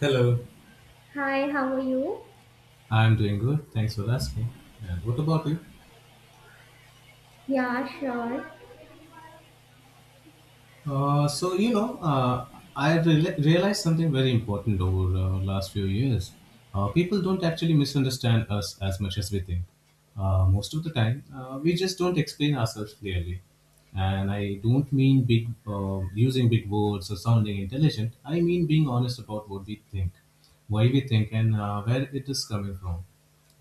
Hello. Hi, how are you? I'm doing good. Thanks for asking. And what about you? Yeah, sure. Uh, so you know, uh, I realized something very important over last few years. People don't actually misunderstand us as much as we think. Most of the time, we just don't explain ourselves clearly. And I don't mean big using big words or sounding intelligent. I mean being honest about what we think, why we think, and where it is coming from.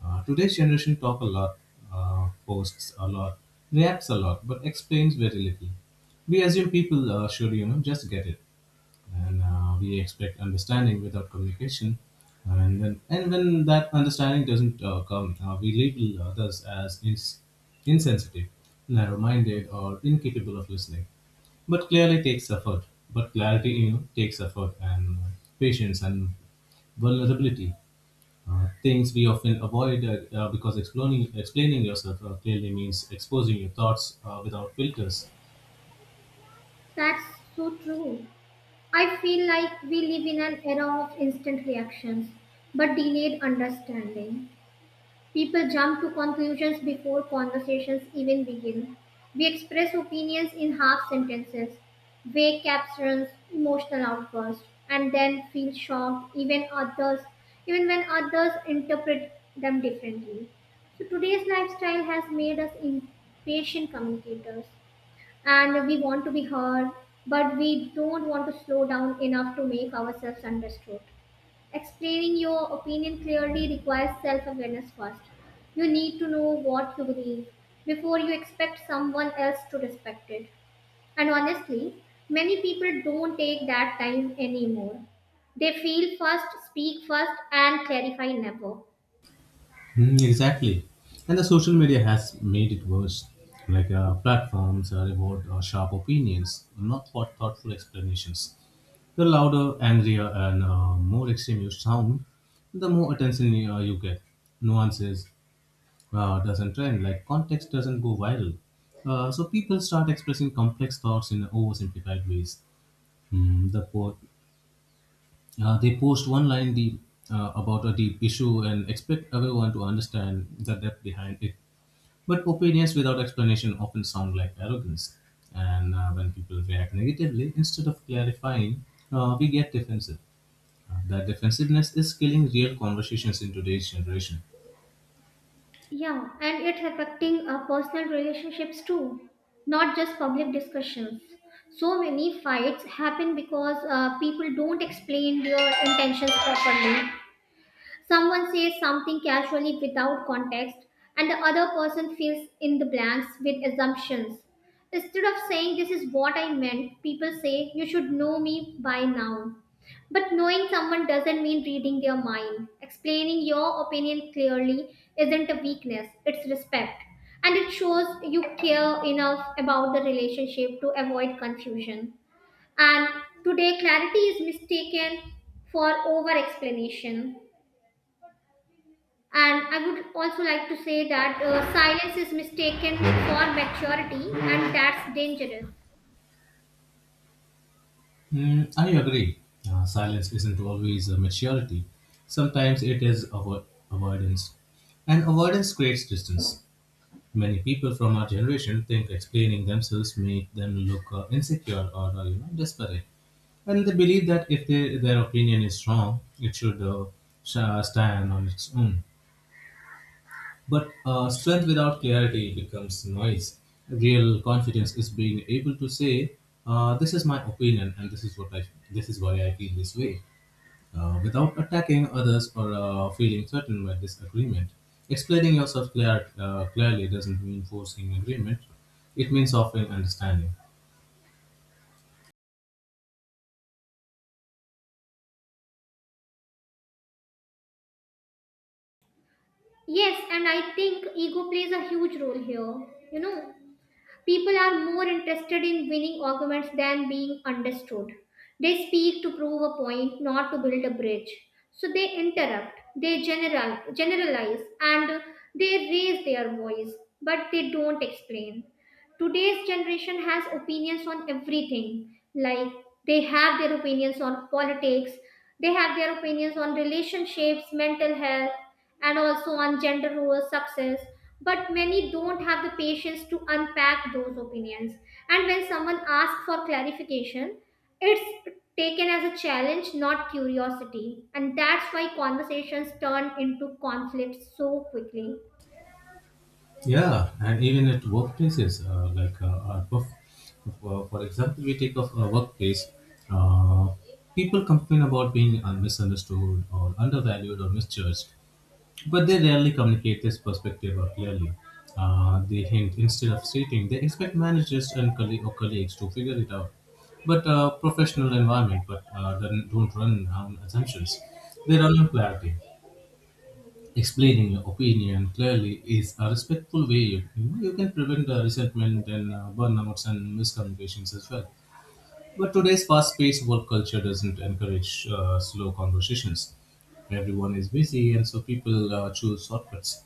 Today's generation talk a lot. Posts a lot, reacts a lot, but explains very little. We assume people should, you know, just get it, and we expect understanding without communication. And when that understanding doesn't come, we label others as insensitive, narrow-minded, or incapable of listening. But clearly takes effort. But clarity, you know, takes effort and patience and vulnerability. Things we often avoid because explaining yourself clearly means exposing your thoughts without filters. That's so true. I feel like we live in an era of instant reactions, but delayed understanding. People jump to conclusions before conversations even begin. We express opinions in half sentences, vague captions, emotional outbursts, and then feel even when others interpret them differently. So today's lifestyle has made us impatient communicators and we want to be heard, but we don't want to slow down enough to make ourselves understood. Explaining your opinion clearly requires self awareness first. You need to know what you believe before you expect someone else to respect it. And honestly, many people don't take that time anymore. They feel first, speak first, and clarify never. Mm, exactly. And the social media has made it worse. Like platforms reward sharp opinions, not for thoughtful explanations. The louder, angrier, and more extreme you sound, the more attention you get. Nuances doesn't trend, like context doesn't go viral. So people start expressing complex thoughts in oversimplified ways. Mm, the po- they post one line deep about a deep issue and expect everyone to understand the depth behind it. But opinions without explanation often sound like arrogance. And when people react negatively, instead of clarifying, we get defensive. That defensiveness is killing real conversations in today's generation. Yeah, and it's affecting our personal relationships too, not just public discussions. So many fights happen because people don't explain their intentions properly. Someone says something casually without context, and the other person fills in the blanks with assumptions. Instead of saying, This is what I meant, people say, You should know me by now. But knowing someone doesn't mean reading their mind. Explaining your opinion clearly isn't a weakness, it's respect. And it shows you care enough about the relationship to avoid confusion. And today, clarity is mistaken for over explanation. And I would also like to say that silence is mistaken for maturity, and that's dangerous. Mm, I agree. Silence isn't always a maturity. Sometimes it is avoidance. And avoidance creates distance. Many people from our generation think explaining themselves make them look insecure or you know desperate, and they believe that if they, their opinion is strong, it should stand on its own. But strength without clarity becomes noise. Real confidence is being able to say, "This is my opinion, and this is why I feel this way," without attacking others or feeling threatened by disagreement. Explaining yourself clearly doesn't mean forcing agreement, it means offering understanding. Yes, and I think ego plays a huge role here. You know, people are more interested in winning arguments than being understood. They speak to prove a point, not to build a bridge. So they interrupt, generalize, and they raise their voice, but they don't explain. Today's generation has opinions on everything. Like they have their opinions on politics, they have their opinions on relationships, mental health, and also on gender roles, success. But many don't have the patience to unpack those opinions. And when someone asks for clarification, it's taken as a challenge, not curiosity. And that's why conversations turn into conflicts so quickly. Yeah, and even at workplaces, for example, we take of a workplace, uh, people complain about being misunderstood or undervalued or misjudged. But they rarely communicate this perspective or clearly. They hint instead of stating they expect managers and colle- or colleagues to figure it out. But professional environment, but don't run on assumptions. They run on clarity. Explaining your opinion clearly is a respectful way you, you know, you can prevent resentment and burnouts and miscommunications as well. But today's fast-paced work culture doesn't encourage slow conversations. Everyone is busy, and so people choose shortcuts.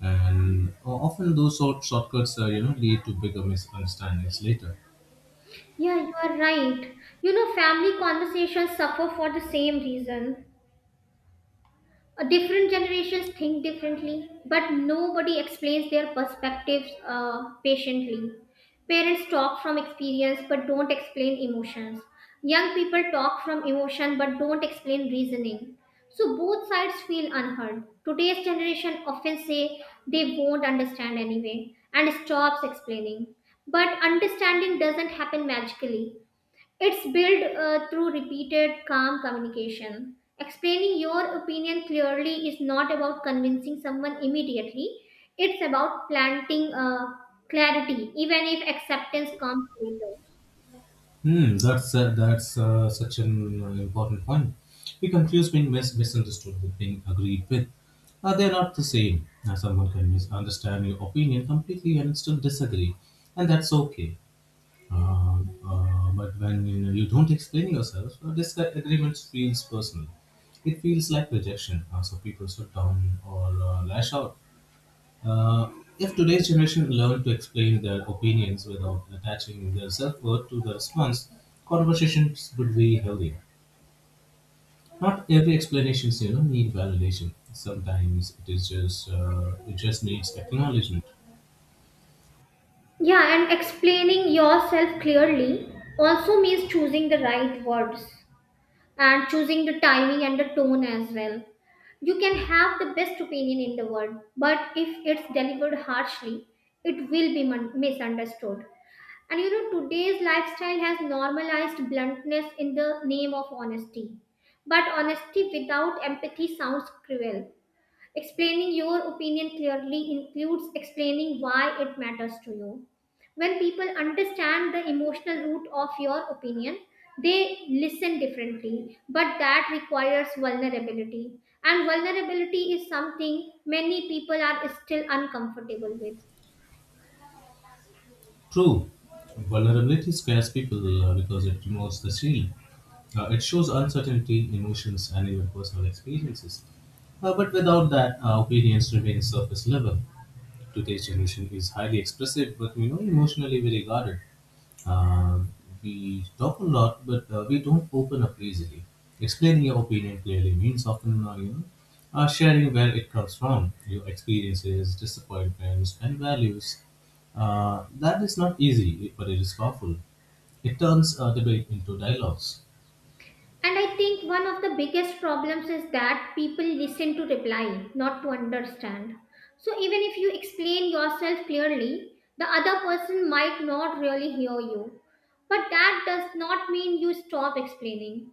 And often those shortcuts, you know, lead to bigger misunderstandings later. Yeah, you are right. You know, family conversations suffer for the same reason. Different generations think differently, but nobody explains their perspectives patiently. Parents talk from experience but don't explain emotions. Young people talk from emotion but don't explain reasoning. So both sides feel unheard. Today's generation often say they won't understand anyway and stops explaining. But understanding doesn't happen magically, it's built through repeated, calm communication. Explaining your opinion clearly is not about convincing someone immediately, it's about planting clarity, even if acceptance comes later. That's such an important point. We confuse being misunderstood with being agreed with. They're not the same. Someone can misunderstand your opinion completely and still disagree, and that's okay. Uh, but when you know you don't explain yourself, disagreements feels personal. It feels like rejection, so people shut down or lash out. Uh, if today's generation learn to explain their opinions without attaching their self worth to the response, conversations would be healthier. Not every explanations you know need validation. Sometimes it just needs acknowledgement. Yeah, and explaining yourself clearly also means choosing the right words and choosing the timing and the tone as well. You can have the best opinion in the world, but if it's delivered harshly, it will be misunderstood. And you know, today's lifestyle has normalized bluntness in the name of honesty. But honesty without empathy sounds cruel. Explaining your opinion clearly includes explaining why it matters to you. When people understand the emotional root of your opinion, they listen differently, but that requires vulnerability. And vulnerability is something many people are still uncomfortable with. True, vulnerability scares people because it removes the shield. It shows uncertainty, emotions, and even personal experiences. But without that, our opinions remain surface level. Today's generation is highly expressive, but you know, emotionally very guarded. Uh, we talk a lot, but we don't open up easily. Explaining your opinion clearly means often you know, sharing where it comes from, your experiences, disappointments, and values. That is not easy, but it is powerful. It turns debate into dialogues. And I think one of the biggest problems is that people listen to reply, not to understand. So even if you explain yourself clearly, the other person might not really hear you. But that does not mean you stop explaining.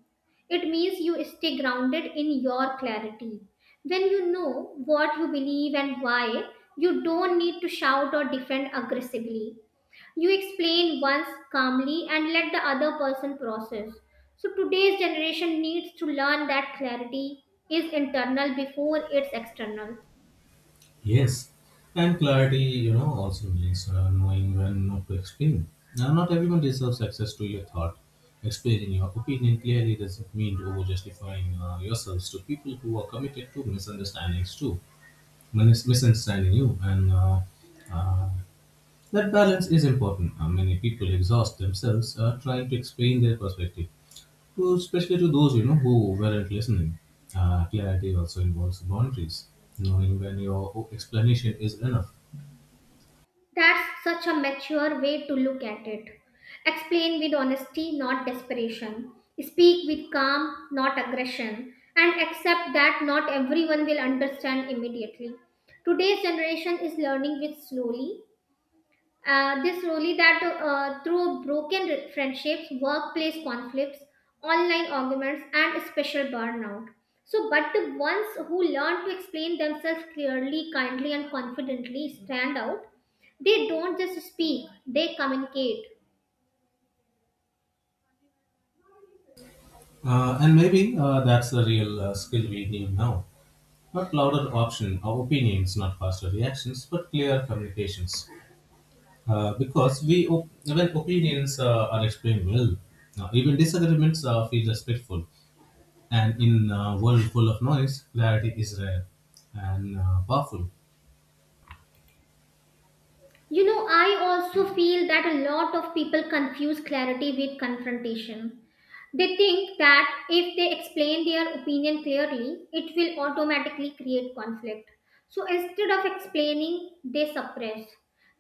It means you stay grounded in your clarity. When you know what you believe and why, you don't need to shout or defend aggressively. You explain once calmly and let the other person process. So today's generation needs to learn that clarity is internal before it's external. Yes, and clarity, you know, also means knowing when not to explain. Now, not everyone deserves access to your thought. Explaining your opinion clearly doesn't mean over justifying yourselves to people who are committed to misunderstandings too, misunderstanding you. And uh, that balance is important. Many people exhaust themselves trying to explain their perspective, to, especially to those you know who weren't listening. Clarity also involves boundaries, knowing when your explanation is enough. That's such a mature way to look at it. Explain with honesty, not desperation. Speak with calm, not aggression. And accept that not everyone will understand immediately. Today's generation is learning with slowly. This really that through broken friendships, workplace conflicts, online arguments, and special burnout. So, but the ones who learn to explain themselves clearly, kindly, and confidently stand out. They don't just speak; they communicate. And maybe That's the real skill we need now. Not louder option or opinions, not faster reactions, but clear communications. When opinions are explained well, even disagreements feel respectful. And in a world full of noise, clarity is rare and powerful. You know, I also feel that a lot of people confuse clarity with confrontation. They think that if they explain their opinion clearly, it will automatically create conflict. So instead of explaining, they suppress.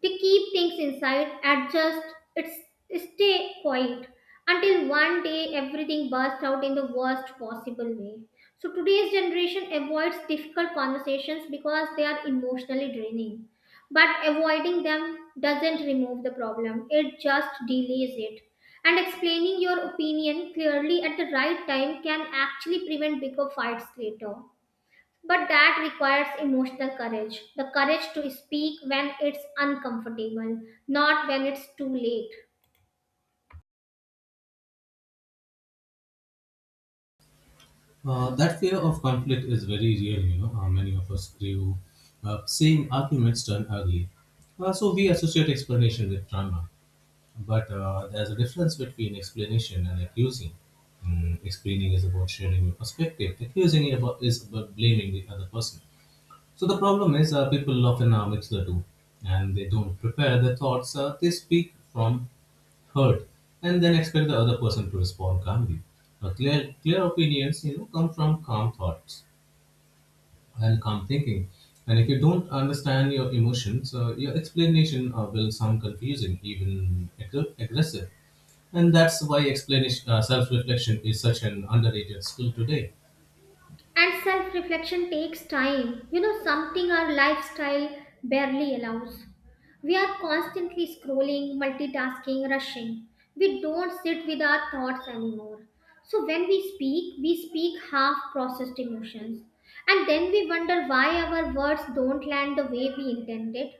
They keep things inside, adjust, it's, stay quiet until one day everything bursts out in the worst possible way. So today's generation avoids difficult conversations because they are emotionally draining, but avoiding them doesn't remove the problem, it just delays it. And explaining your opinion clearly at the right time can actually prevent bigger fights later. But that requires emotional courage, the courage to speak when it's uncomfortable, not when it's too late. That fear of conflict is very real, you know. Many of us grew up seeing arguments turn ugly. So we associate explanation with drama, but there's a difference between explanation and accusing. Mm, explaining is about sharing your perspective. Accusing is about blaming the other person. So the problem is people often mix the two, and they don't prepare their thoughts. They speak from hurt, and then expect the other person to respond calmly. Clear opinions, you know, come from calm thoughts and calm thinking. And if you don't understand your emotions, your explanation will sound confusing, even aggressive. And that's why self-reflection is such an underrated skill today. And self reflection takes time, you know, something our lifestyle barely allows. We are constantly scrolling, multitasking, rushing. We don't sit with our thoughts anymore. So when we speak half processed emotions. And then we wonder why our words don't land the way we intended.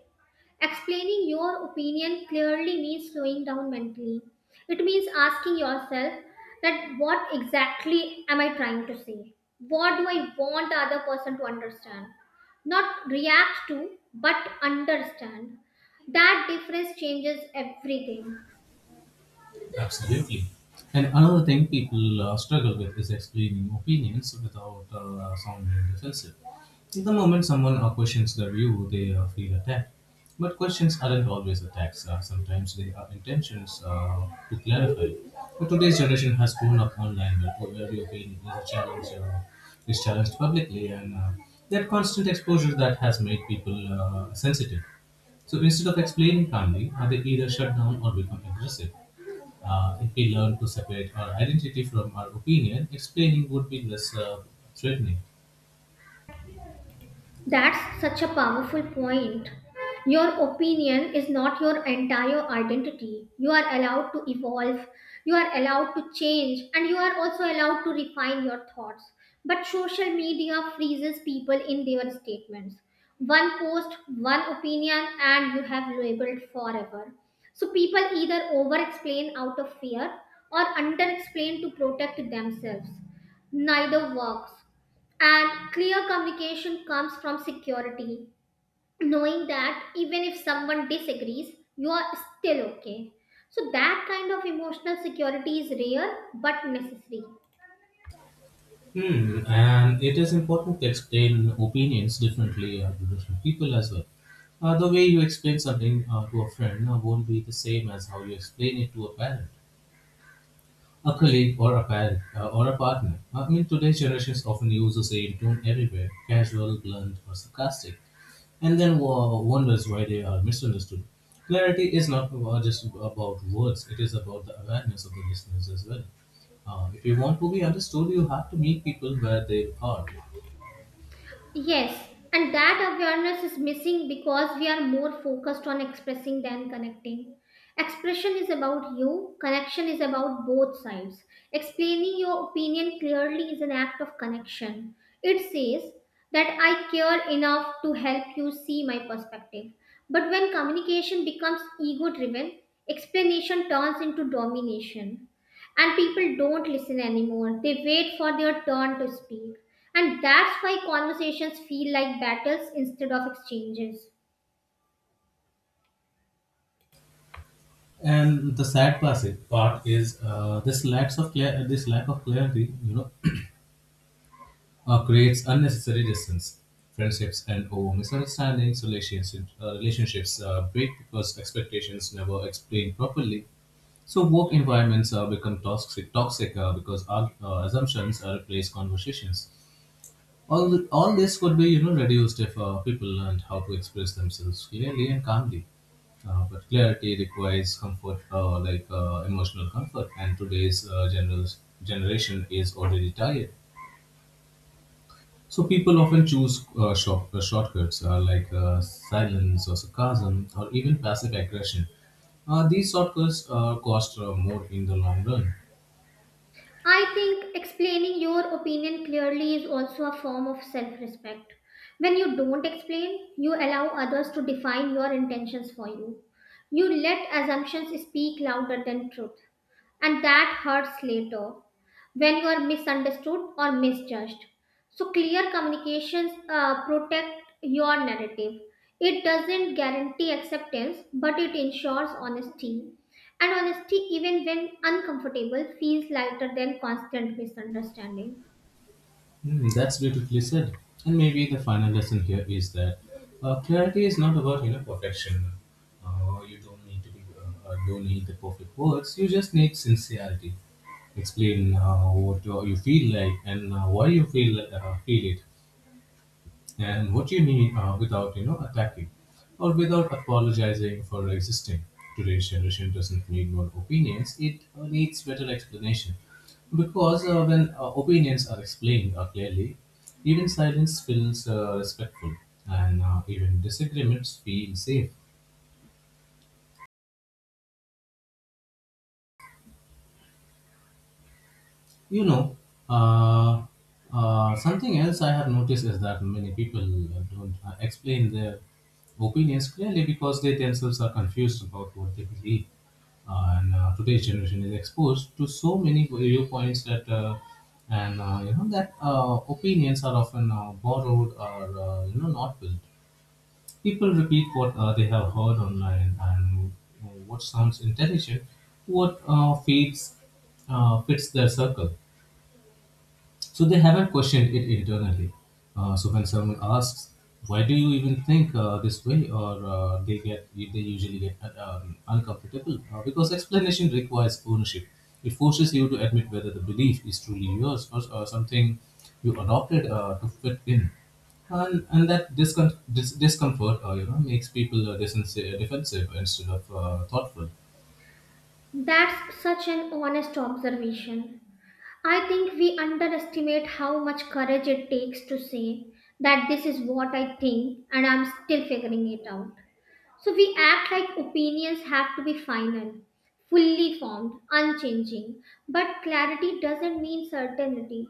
Explaining your opinion clearly means slowing down mentally. It means asking yourself that what exactly am I trying to say? What do I want the other person to understand? Not react to, but understand. That difference changes everything. Absolutely. And another thing people struggle with is explaining opinions without sounding defensive. The moment someone questions their view, they feel attacked. But questions aren't always attacks. Sometimes they are intentions to clarify. But today's generation has grown up online, where every opinion is is challenged publicly, and that constant exposure that has made people sensitive. So instead of explaining calmly, they either shut down or become aggressive. If we learn to separate our identity from our opinion, explaining would be less threatening. That's such a powerful point. Your opinion is not your entire identity. You are allowed to evolve, you are allowed to change, and you are also allowed to refine your thoughts. But social media freezes people in their statements. One post, one opinion, and you have labeled forever. So people either over explain out of fear or under explain to protect themselves. Neither works. And clear communication comes from security, knowing that even if someone disagrees, you are still okay. So, that kind of emotional security is rare but necessary. Hmm, and it is important to explain opinions differently to different people as well. The way you explain something to a friend won't be the same as how you explain it to a parent, a colleague, or a parent or a partner. I mean, today's generations often use the same tone everywhere: casual, blunt, or sarcastic. And then wonders why they are misunderstood. Clarity is not about- just about words, it is about the awareness of the listeners as well. If you want to be understood, you have to meet people where they are. Yes, and that awareness is missing because we are more focused on expressing than connecting. Expression is about you, connection is about both sides. Explaining your opinion clearly is an act of connection. It says that I care enough to help you see my perspective. But when communication becomes ego driven, explanation turns into domination and people don't listen anymore. They wait for their turn to speak. And that's why conversations feel like battles instead of exchanges. And the sad classic part is this lack of clarity, you know, creates unnecessary distance, friendships, and over misunderstandings. Relationships, relationships break because expectations never explained properly. So work environments become toxic because our, assumptions replace conversations. All th- all this could be you know reduced if people learned how to express themselves clearly and calmly. But clarity requires comfort, emotional comfort, and today's general generation is already tired. So people often choose shortcuts silence or sarcasm or even passive aggression. These shortcuts cost more in the long run. I think explaining your opinion clearly is also a form of self respect. When you don't explain, you allow others to define your intentions for you. You let assumptions speak louder than truth, and that hurts later when you are misunderstood or misjudged. So, clear communications protect your narrative. It doesn't guarantee acceptance, but it ensures honesty. And honesty, even when uncomfortable, feels lighter than constant misunderstanding. Hmm, that's beautifully said. And maybe the final lesson here is that clarity is not about you know perfection. You don't need the perfect words. You just need sincerity. Explain what you feel like and why you feel it and what you need without you know attacking or without apologizing for existing. Today's generation doesn't need more opinions, it needs better explanation, because when opinions are explained clearly, even silence feels respectful, and even disagreements feel safe. You know, uh, something else I have noticed is that many people don't explain their opinions clearly because they themselves are confused about what they believe. And Today's generation is exposed to so many viewpoints that, and you know that opinions are often borrowed or you know not built. People repeat what they have heard online and what sounds intelligent, what feeds fits their circle, so they haven't questioned it internally. So when someone asks, "Why do you even think this way?" or they usually get uncomfortable because explanation requires ownership. It forces you to admit whether the belief is truly yours or something you adopted to fit in. And that discomfort, makes people defensive instead of thoughtful. That's such an honest observation. I think we underestimate how much courage it takes to say that this is what I think and I'm still figuring it out. So we act like opinions have to be final, fully formed, unchanging. But clarity doesn't mean certainty,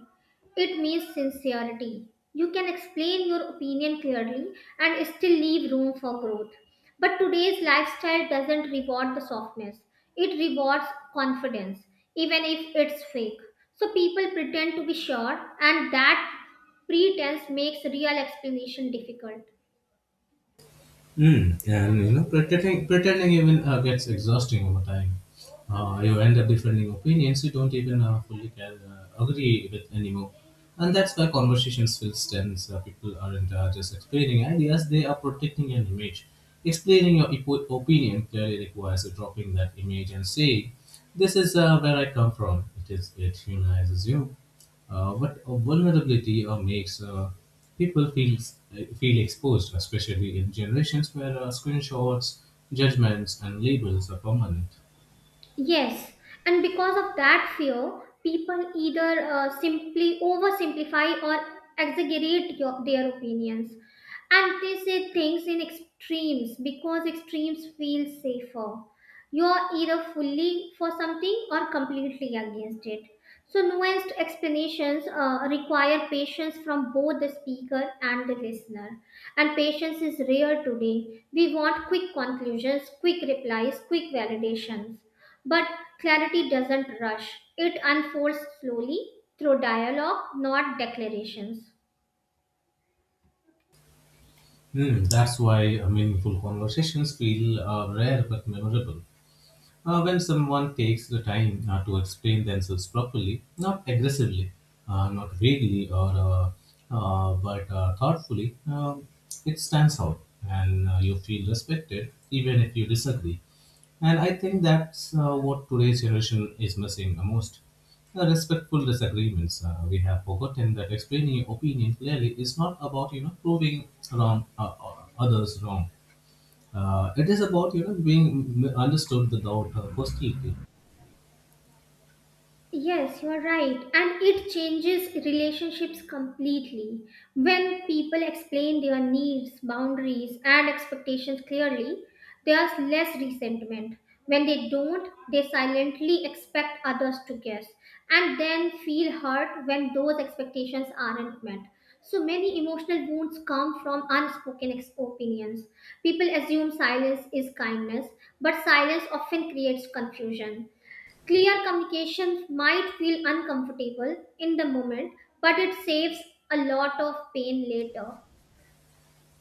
it means sincerity. You can explain your opinion clearly and still leave room for growth. But today's lifestyle doesn't reward the softness, it rewards confidence, even if it's fake. So people pretend to be sure, and that pretense makes real explanation difficult. Mm, and you know, pretending even gets exhausting over time. You end up defending opinions you don't even agree with anymore, and that's why conversations feel tense. People aren't just explaining ideas; they are protecting an image. Explaining your opinion clearly requires dropping that image and saying, "This is where I come from." It humanizes you. But Vulnerability makes people feel exposed, especially in generations where screenshots, judgments, and labels are permanent. Yes, and because of that fear, people either simply oversimplify or exaggerate their opinions, and they say things in extremes because extremes feel safer, you are either fully for something or completely against it. So, nuanced explanations require patience from both the speaker and the listener. And patience is rare today. We want quick conclusions, quick replies, quick validations. But clarity doesn't rush, it unfolds slowly through dialogue, not declarations. Hmm, that's why meaningful conversations feel rare but memorable. When someone takes the time to explain themselves properly, not aggressively, not vaguely, or but thoughtfully, it stands out, and you feel respected even if you disagree. And I think that's what today's generation is missing the most. The respectful disagreements. We have forgotten that explaining your opinion clearly is not about you know proving wrong others wrong. It is about you know being understood without hostility. Yes, you are right. And it changes relationships completely. When people explain their needs, boundaries, and expectations clearly, there's less resentment. When they don't, they silently expect others to guess and then feel hurt when those expectations aren't met. So many emotional wounds come from unspoken opinions. People assume silence is kindness, but silence often creates confusion. Clear communication might feel uncomfortable in the moment, but it saves a lot of pain later.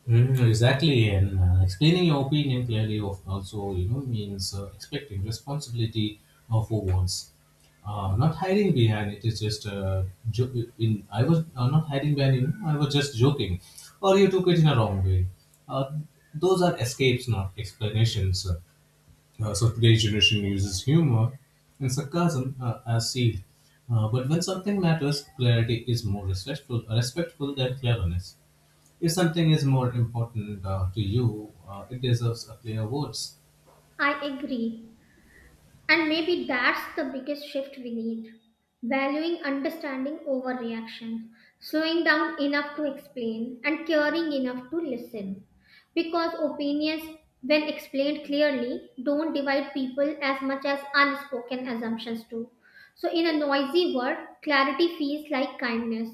Mm, exactly, and explaining your opinion clearly also you know means expecting responsibility for once, not hiding behind it's just jo- in I was not hiding behind you. I was just joking, or you took it in a wrong way. Uh, those are escapes, not explanations. So today's generation uses humor and sarcasm as seed. But when something matters, clarity is more respectful than cleverness. If something is more important to you, it deserves a clear words. I agree. And maybe that's the biggest shift we need. Valuing understanding over reaction, slowing down enough to explain, and caring enough to listen. Because opinions, when explained clearly, don't divide people as much as unspoken assumptions do. So, in a noisy world, clarity feels like kindness.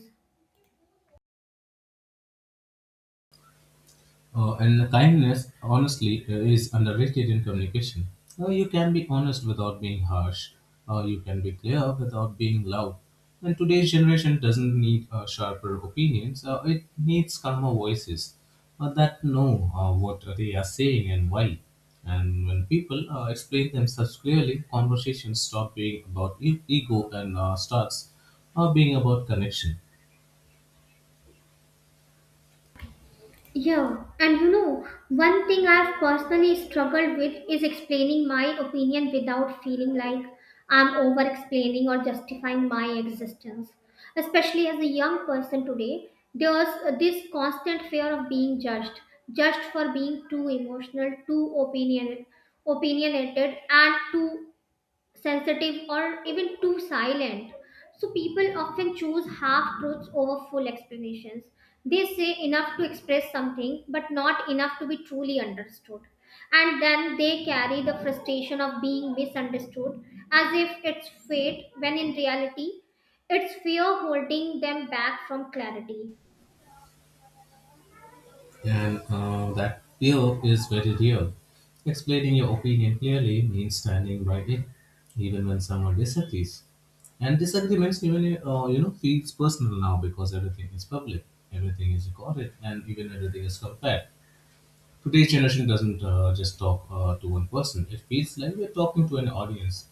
And kindness, honestly, is underrated in communication. You can be honest without being harsh. You can be clear without being loud. And today's generation doesn't need sharper opinions. It needs calmer voices that know what they are saying and why. And when people explain themselves clearly, conversations stop being about ego and starts being about connection. Yeah, and you know, one thing I've personally struggled with is explaining my opinion without feeling like I'm over explaining or justifying my existence. Especially as a young person today, there's this constant fear of being judged for being too emotional, opinionated and too sensitive or even too silent. So people often choose half truths over full explanations. They say enough to express something, but not enough to be truly understood. And then they carry the frustration of being misunderstood as if it's fate, when in reality, it's fear holding them back from clarity. And that fear is very real. Explaining your opinion clearly means standing by it, even when someone disagrees. And disagreements even feels personal now because everything is public, everything is recorded, and even everything is compared. Today's generation doesn't just talk to one person; it feels like we're talking to an audience,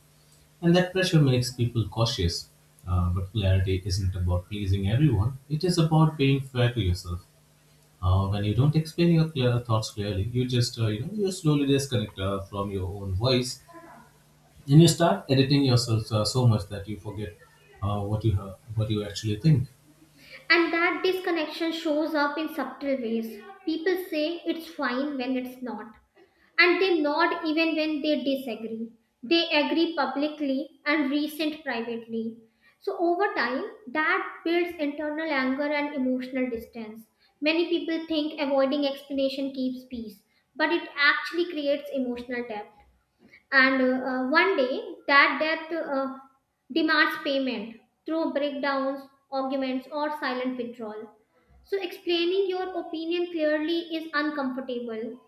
and that pressure makes people cautious. But clarity isn't about pleasing everyone; it is about being fair to yourself when you don't explain your clear thoughts clearly you just you slowly disconnect from your own voice, and you start editing yourself so much that you forget what you actually think. And that disconnection shows up in subtle ways. People say it's fine when it's not, and they nod even when they disagree. They agree publicly and resent privately. So, over time, that builds internal anger and emotional distance. Many people think avoiding explanation keeps peace, but it actually creates emotional depth. And one day, that debt demands payment through breakdowns, arguments, or silent withdrawal. So, explaining your opinion clearly is uncomfortable.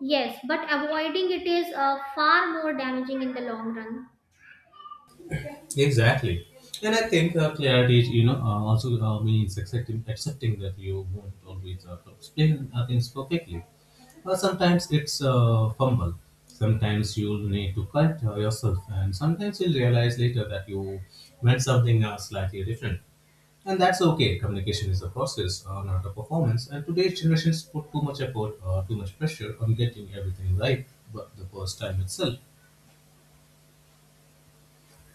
Yes, but avoiding it is far more damaging in the long run. Exactly. And I think clarity is, you know, also means accepting that you won't always explain things perfectly. Sometimes it's fumble. Sometimes you'll need to correct yourself, and sometimes you'll realize later that you meant something slightly different. And that's okay. Communication is a process, not a performance. And today's generations put too much pressure on getting everything right, but the first time itself.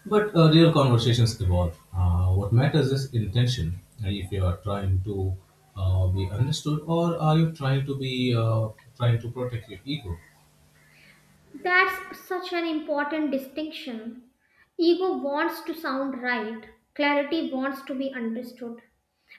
But real conversations evolve. What matters is intention. And if you are trying to be understood, or are you trying to be trying to protect your ego? That's such an important distinction. Ego wants to sound right, clarity wants to be understood.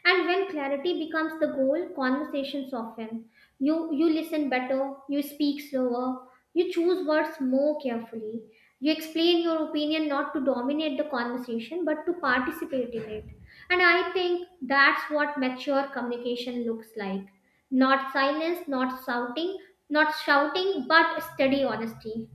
And when clarity becomes the goal, conversation soften. You listen better, you speak slower, you choose words more carefully. You explain your opinion not to dominate the conversation but to participate in it. And I think that's what mature communication looks like. Not silence, not shouting, but steady honesty.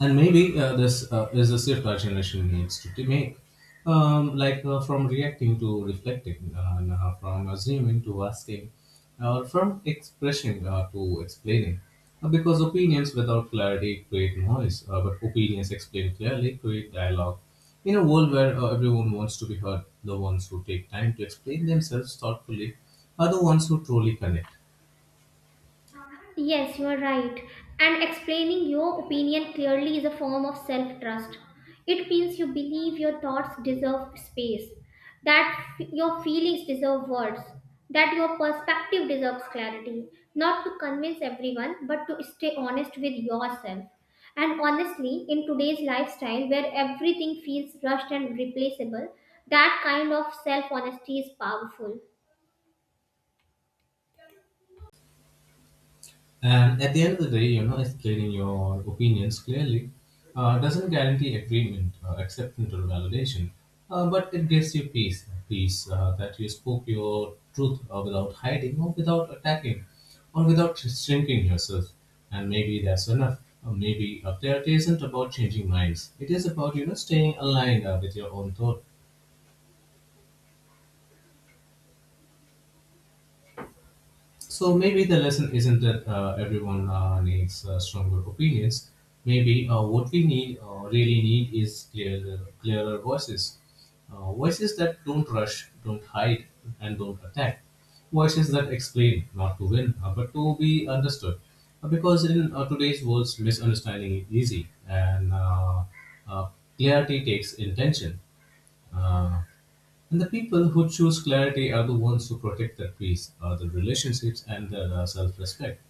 And maybe this is a shift our generation needs to make, from reacting to reflecting, and from assuming to asking, or from expressing to explaining. Because opinions without clarity create noise, but opinions explained clearly create dialogue. In a world where everyone wants to be heard, the ones who take time to explain themselves thoughtfully are the ones who truly connect. Yes, you are right. And explaining your opinion clearly is a form of self trust. It means you believe your thoughts deserve space, that your feelings deserve words, that your perspective deserves clarity. Not to convince everyone, but to stay honest with yourself. And honestly, in today's lifestyle where everything feels rushed and replaceable, that kind of self honesty is powerful. And at the end of the day, you know, explaining your opinions clearly doesn't guarantee agreement, acceptance, or validation, but it gives you peace that you spoke your truth without hiding or without attacking or without shrinking yourself. And maybe that's enough. Or maybe clarity isn't about changing minds. It is about, you know, staying aligned with your own thought. So maybe the lesson isn't that everyone needs stronger opinions. Maybe what we really need, is clearer voices. Voices that don't rush, don't hide, and don't attack. Voices that explain, not to win, but to be understood. Because in today's world, misunderstanding is easy, and uh, clarity takes intention. Uh, and the people who choose clarity are the ones who protect their peace, their relationships, and their self respect.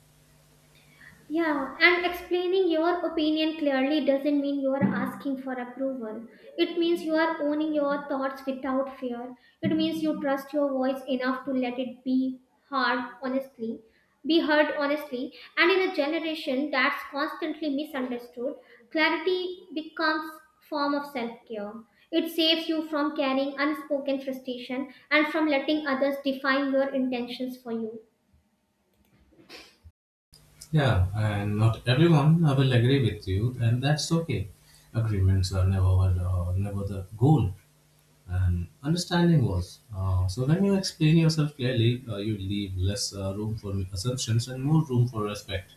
Yeah, and explaining your opinion clearly doesn't mean you are asking for approval. It means you are owning your thoughts without fear. It means you trust your voice enough to let it be heard honestly, be heard honestly. And in a generation that's constantly misunderstood, clarity becomes form of self-care. It saves you from carrying unspoken frustration and from letting others define your intentions for you. Yeah, and not everyone will agree with you, and that's okay. Agreements are never the goal, and understanding was. So, when you explain yourself clearly, you leave less room for assumptions and more room for respect.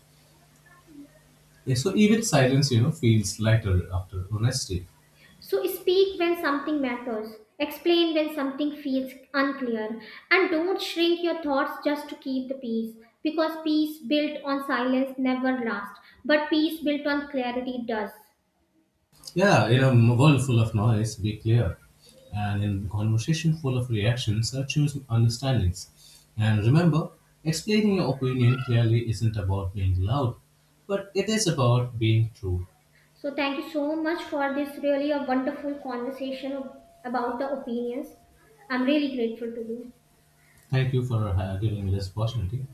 Yeah, so, even silence, you know, feels lighter after honesty. So speak when something matters, explain when something feels unclear, and don't shrink your thoughts just to keep the peace. Because peace built on silence never lasts, but peace built on clarity does. Yeah, in a world full of noise, be clear. And in a conversation full of reactions, choose understandings. And remember, explaining your opinion clearly isn't about being loud, but it is about being true. So thank you so much for this really a wonderful conversation about the opinions. I'm really grateful to you. Thank you for giving me this opportunity.